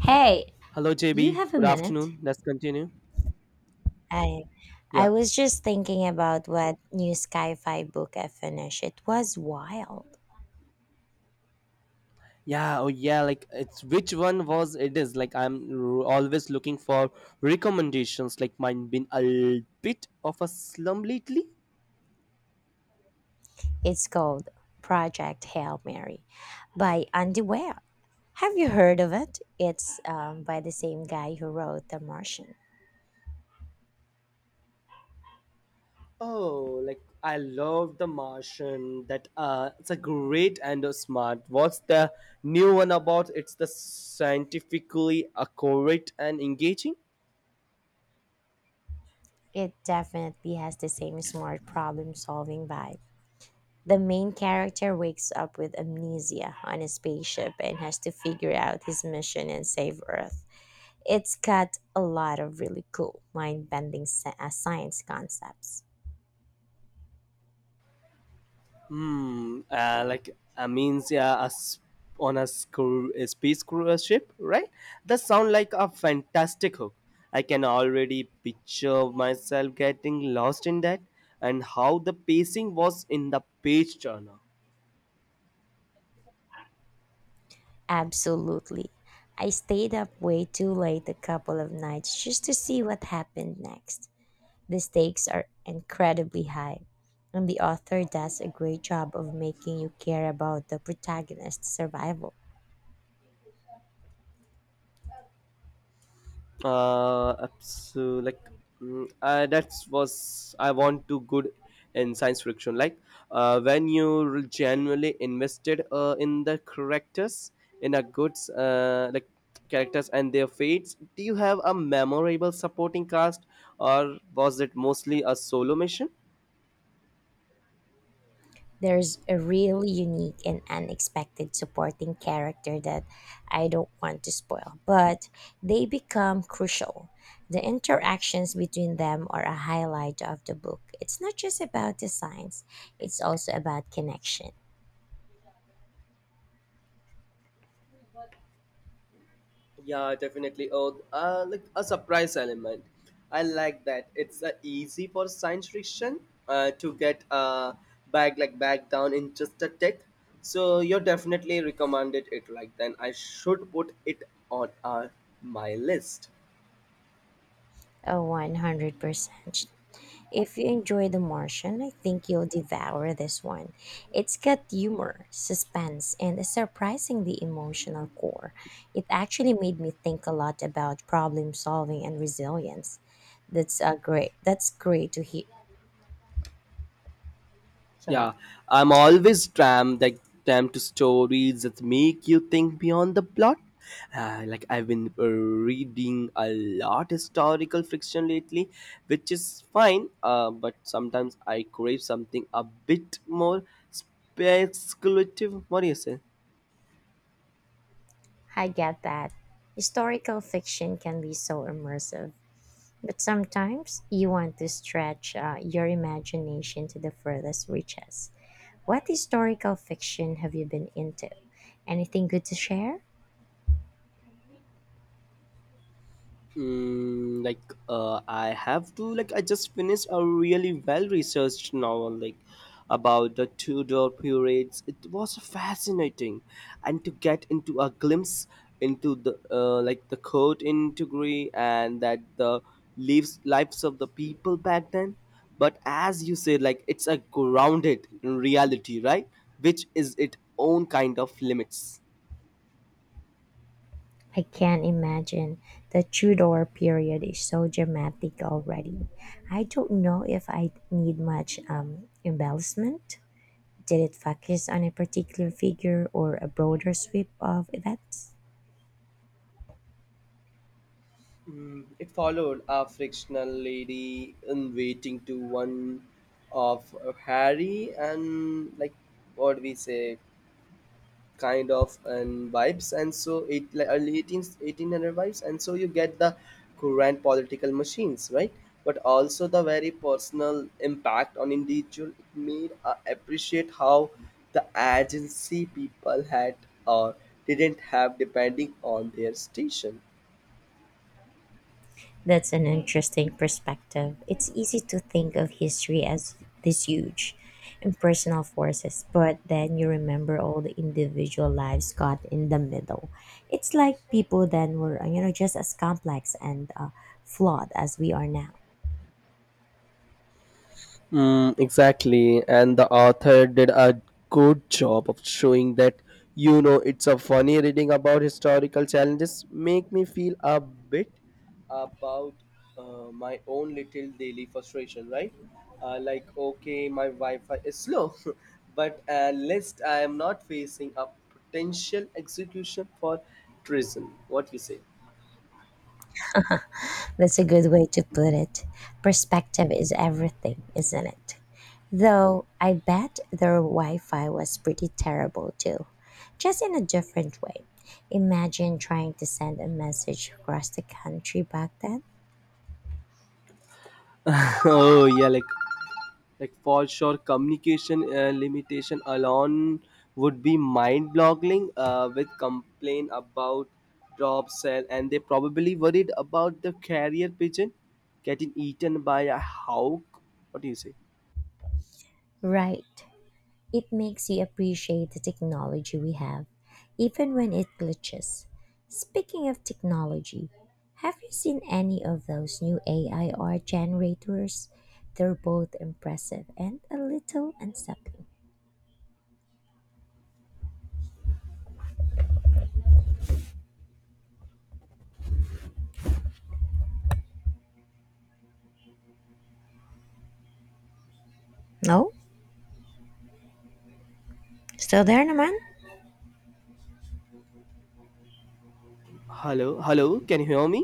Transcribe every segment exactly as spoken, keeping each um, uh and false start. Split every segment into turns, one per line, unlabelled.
Hey,
Hello,
you
J B.
have a
Good
minute?
afternoon. Let's continue.
I I
Yeah.
was just thinking about what new sci-fi book I finished. It was wild.
Yeah. Oh, yeah. Like, it's which one was it is? Like, I'm r- always looking for recommendations. Like, mine been a bit of a slum lately.
It's called Project Hail Mary by Andy Weir. Have you heard of it? It's um, by the same guy who wrote The Martian.
Oh, like I love The Martian. That uh, it's a great and a smart. What's the new one about? It's the scientifically accurate and engaging.
It definitely has the same smart problem-solving vibe. The main character wakes up with amnesia on a spaceship and has to figure out his mission and save Earth. It's got a lot of really cool, mind bending science concepts.
Hmm. Uh, like uh, means, yeah, a s- on a, screw, a space cruise ship, right? That sound like a fantastic hook. I can already picture myself getting lost in that, and how the pacing was in the page turner.
Absolutely. I stayed up way too late a couple of nights just to see what happened next. The stakes are incredibly high, and the author does a great job of making you care about the protagonist's survival.
uh abso- like mm, uh, that's was I want to good in science fiction, like uh, when you re- genuinely invested uh, in the characters, in a good, uh, like, characters and their fates. Do you have a memorable supporting cast, or was it mostly a solo mission?
There's a really unique and unexpected supporting character that I don't want to spoil, but they become crucial. The interactions between them are a highlight of the book. It's not just about the science, it's also about connection.
Yeah, definitely. Oh, uh, like a surprise element. I like that. It's uh, easy for science fiction uh, to get, uh, back, like back down in just a tick. So you definitely recommended it. Like then, I should put it on, uh, my list.
Oh, one hundred percent. If you enjoy The Martian, I think you'll devour this one. It's got humor, suspense, and a surprisingly emotional core. It actually made me think a lot about problem solving and resilience. That's a great that's great to hear. Sorry.
Yeah, I'm always tram like tram to stories that make you think beyond the plot. Uh, like I've been uh, reading a lot historical fiction lately, which is fine. Uh, but sometimes I crave something a bit more speculative. What do you say?
I get that. Historical fiction can be so immersive, but sometimes you want to stretch uh, your imagination to the furthest reaches. What historical fiction have you been into? Anything good to share?
Mm, like uh, I have to like I just finished a really well researched novel, like about the Tudor periods. It was fascinating, and to get into a glimpse into the uh, like the court integrity, and that the lives lives of the people back then. But as you say, like it's a grounded in reality, right? Which is its own kind of limits.
I can't imagine the Tudor period is so dramatic already. I don't know if I need much um, embellishment. Did it focus on a particular figure or a broader sweep of events?
Mm, it followed a fictional lady in waiting to one of Harry, and like what we say, kind of, and vibes. And so it, like, early 18 eighteen hundred vibes, and so you get the current political machines, right? But also the very personal impact on individual. It made, uh, appreciate how the agency people had, or didn't have depending on their station.
That's an interesting perspective. It's easy to think of history as this huge impersonal forces, but then you remember all the individual lives caught in the middle. It's like people then were, you know, just as complex and uh, flawed as we are now.
Mm, exactly. And the author did a good job of showing that, you know, it's a funny reading about historical challenges. Make me feel a bit about, uh, my own little daily frustration, right? Uh, like, okay, my Wi Fi is slow, but at least I am not facing a potential execution for treason. What you say?
That's a good way to put it. Perspective is everything, isn't it? Though I bet their Wi Fi was pretty terrible too, just in a different way. Imagine trying to send a message across the country back then.
Oh, yeah, like like for sure communication, uh, limitation alone would be mind boggling, uh, with complaint about job sale. And they probably worried about the carrier pigeon getting eaten by a hawk. What do you say?
Right. It makes you appreciate the technology we have, even when it glitches. Speaking of technology, have you seen any of those new A I art generators? They're both impressive and a little unsettling. No? Still there, Naman?
Hello, hello, can you hear me?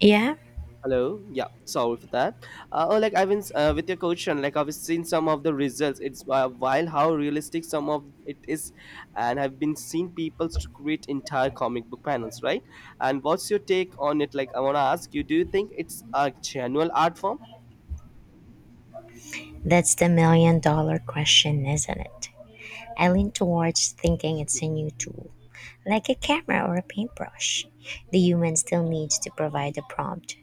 Yeah?
Hello. Yeah. Sorry for that. Uh, oh, like I've been, uh, with your question. Like I've seen some of the results. It's uh, while how realistic some of it is, and I've been seeing people to create entire comic book panels, right? And what's your take on it? Like I want to ask you, do you think it's a genuine art form?
That's the million dollar question, isn't it? I lean towards thinking it's a new tool, like a camera or a paintbrush, the human still needs to provide the prompt,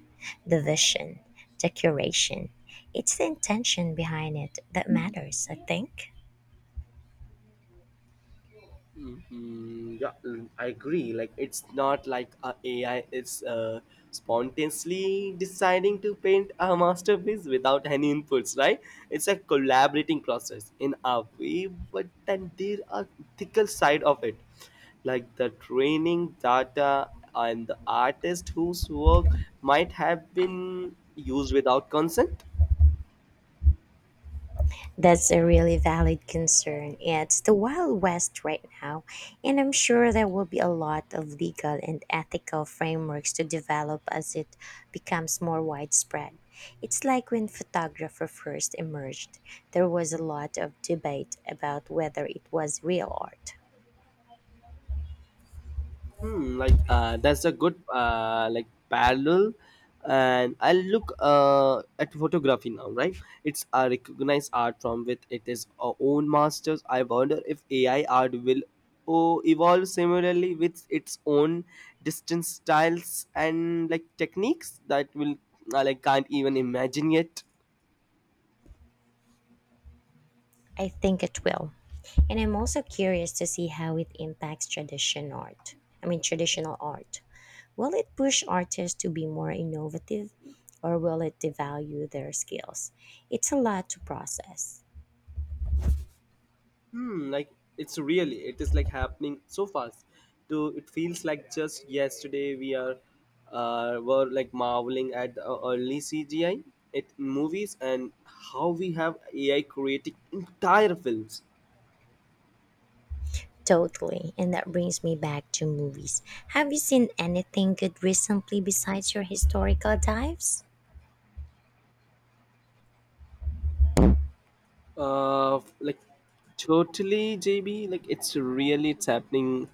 the vision, the curation. It's the intention behind it that matters, I think.
Mm, yeah, mm, I agree. Like it's not like a AI is uh, spontaneously deciding to paint a masterpiece without any inputs, right? It's a collaborating process in a way, but then there are ethical side of it, like the training data, and the artist whose work might have been used without consent.
That's a really valid concern. It's the Wild West right now, and I'm sure there will be a lot of legal and ethical frameworks to develop as it becomes more widespread. It's like when photography first emerged, there was a lot of debate about whether it was real art.
Hmm, like uh, that's a good, uh, like, parallel. And I look, uh, at photography now, right? It's a recognized art form with it is our own masters. I wonder if A I art will, oh, evolve similarly with its own distant styles and, like, techniques that will, I like, can't even imagine yet.
I think it will. And I'm also curious to see how it impacts tradition art. I mean, traditional art. Will it push artists to be more innovative or will it devalue their skills? It's a lot to process.
Hmm like it's really, it is like happening so fast. To it feels like just yesterday we are uh were like marveling at the early C G I it in movies. And how we have A I creating entire films.
Totally. And that brings me back to movies. Have you seen anything good recently besides your historical dives?
Uh, like totally, J B. Like it's really it's happening,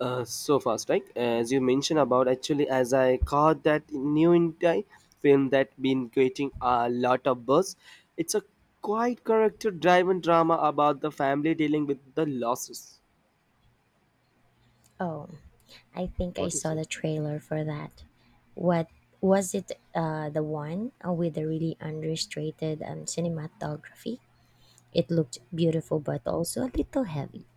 uh, so fast. Like as you mentioned about actually, as I caught that new India film that been creating a lot of buzz. It's a quite character-driven drama about the family dealing with the losses.
Oh, I think I
What do you
saw
say?
the trailer for that. What was it? Uh, the one uh, with the really understated um, cinematography. It looked beautiful, but also a little heavy.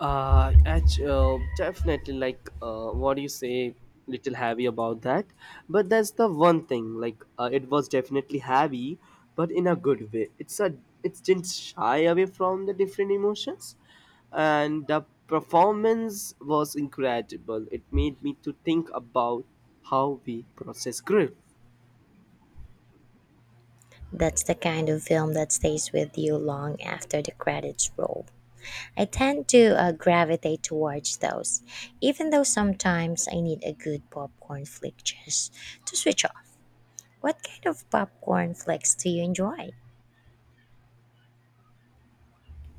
Uh, actually, uh, definitely, like, uh, what do you say? Little heavy about that, but that's the one thing. Like, uh, it was definitely heavy, but in a good way. It's a it didn't shy away from the different emotions, and the performance was incredible. It made me to think about how we process grief.
That's the kind of film that stays with you long after the credits roll. I tend to uh, gravitate towards those, even though sometimes I need a good popcorn flick just to switch off. What kind of popcorn flicks do you enjoy?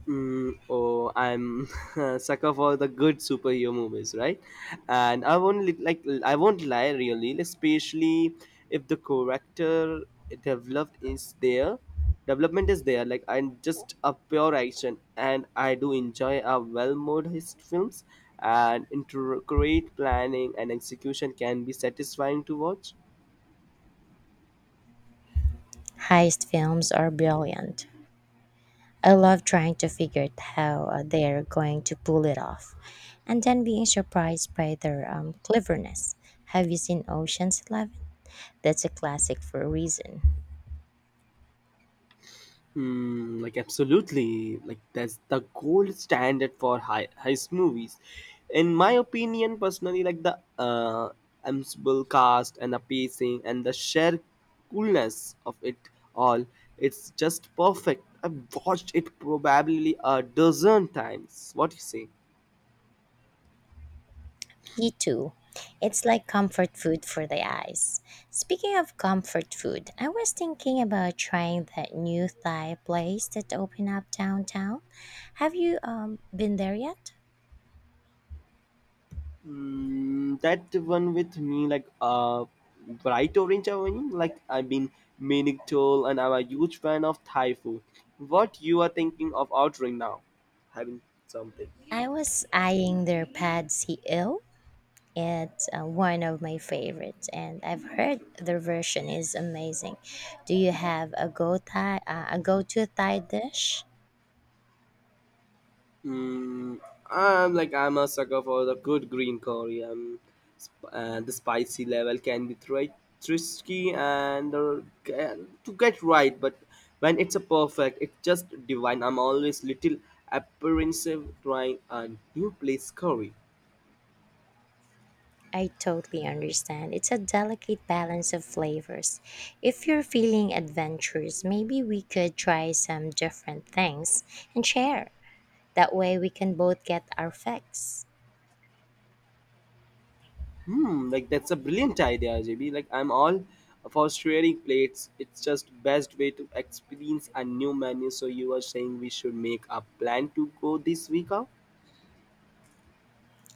Mm, oh, I'm a sucker for the good superhero movies, right? And I won't li- like I won't lie, really, especially if the character developed is there, development is there. Like I'm just a pure action, and I do enjoy a well-made hist- films, and intricate planning and execution can be satisfying to watch.
Heist films are brilliant. I love trying to figure out how uh, they're going to pull it off and then being surprised by their um, cleverness. Have you seen Ocean's Eleven? That's a classic for a reason.
Mm, like absolutely, like that's the gold standard for high heist movies. In my opinion, personally, like the, uh, ensemble cast and the pacing and the sheer coolness of it all, it's just perfect. I've watched it probably a dozen times. What do you say?
Me too. It's like comfort food for the eyes. Speaking of comfort food, I was thinking about trying that new Thai place that opened up downtown. Have you um, been there yet?
Mm, that one with me, like uh, bright orange. I mean, like I've been meaning to, and I'm a huge fan of Thai food. What you are thinking of ordering now? Having something.
I was eyeing their pad see ew. It's uh, one of my favorites, and I've heard their version is amazing. Do you have a go Thai, uh, a go-to Thai dish?
Mm, I'm like I'm a sucker for the good green curry. Um, sp- uh, the spicy level can be tri- tricky, and, uh, ca- to get right, but when it's a perfect, it's just divine. I'm always little apprehensive trying a new place curry.
I totally understand. It's a delicate balance of flavors. If you're feeling adventurous, maybe we could try some different things and share. That way, we can both get our fix.
Hmm, like that's a brilliant idea, J B. Like I'm all for sharing plates. It's just best way to experience a new menu. So you are saying we should make a plan to go this week out?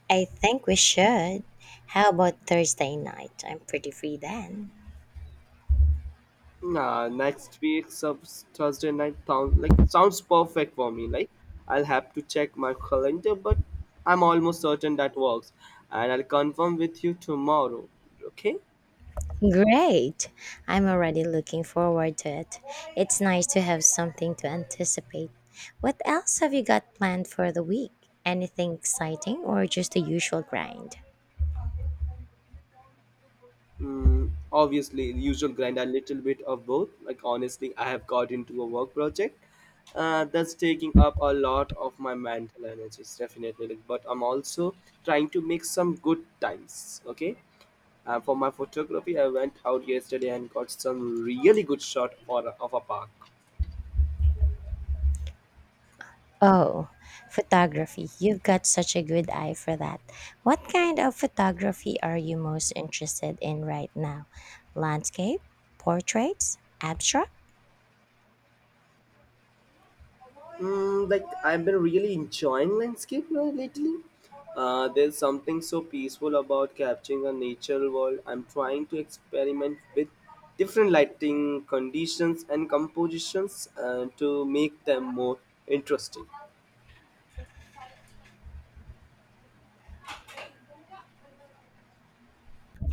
I think we should. How about Thursday night? I'm pretty free then.
Nah, next week, sub Thursday night. Sound like sounds perfect for me. Like I'll have to check my calendar, but I'm almost certain that works, and I'll confirm with you tomorrow. Okay?
Great! I'm already looking forward to it. It's nice to have something to anticipate. What else have you got planned for the week? Anything exciting or just the usual grind?
Mm, obviously, the usual grind, a little bit of both. Like, honestly, I have got into a work project, uh, that's taking up a lot of my mental energies, definitely. Like, but I'm also trying to make some good times, okay? Uh, for my photography, I went out yesterday and got some really good shot for, of a park.
Oh, photography. You've got such a good eye for that. What kind of photography are you most interested in right now? Landscape? Portraits? Abstract?
Mm, like I've been really enjoying landscape, uh, lately. Uh, there's something so peaceful about capturing a natural world. I'm trying to experiment with different lighting conditions and compositions, uh, to make them more interesting.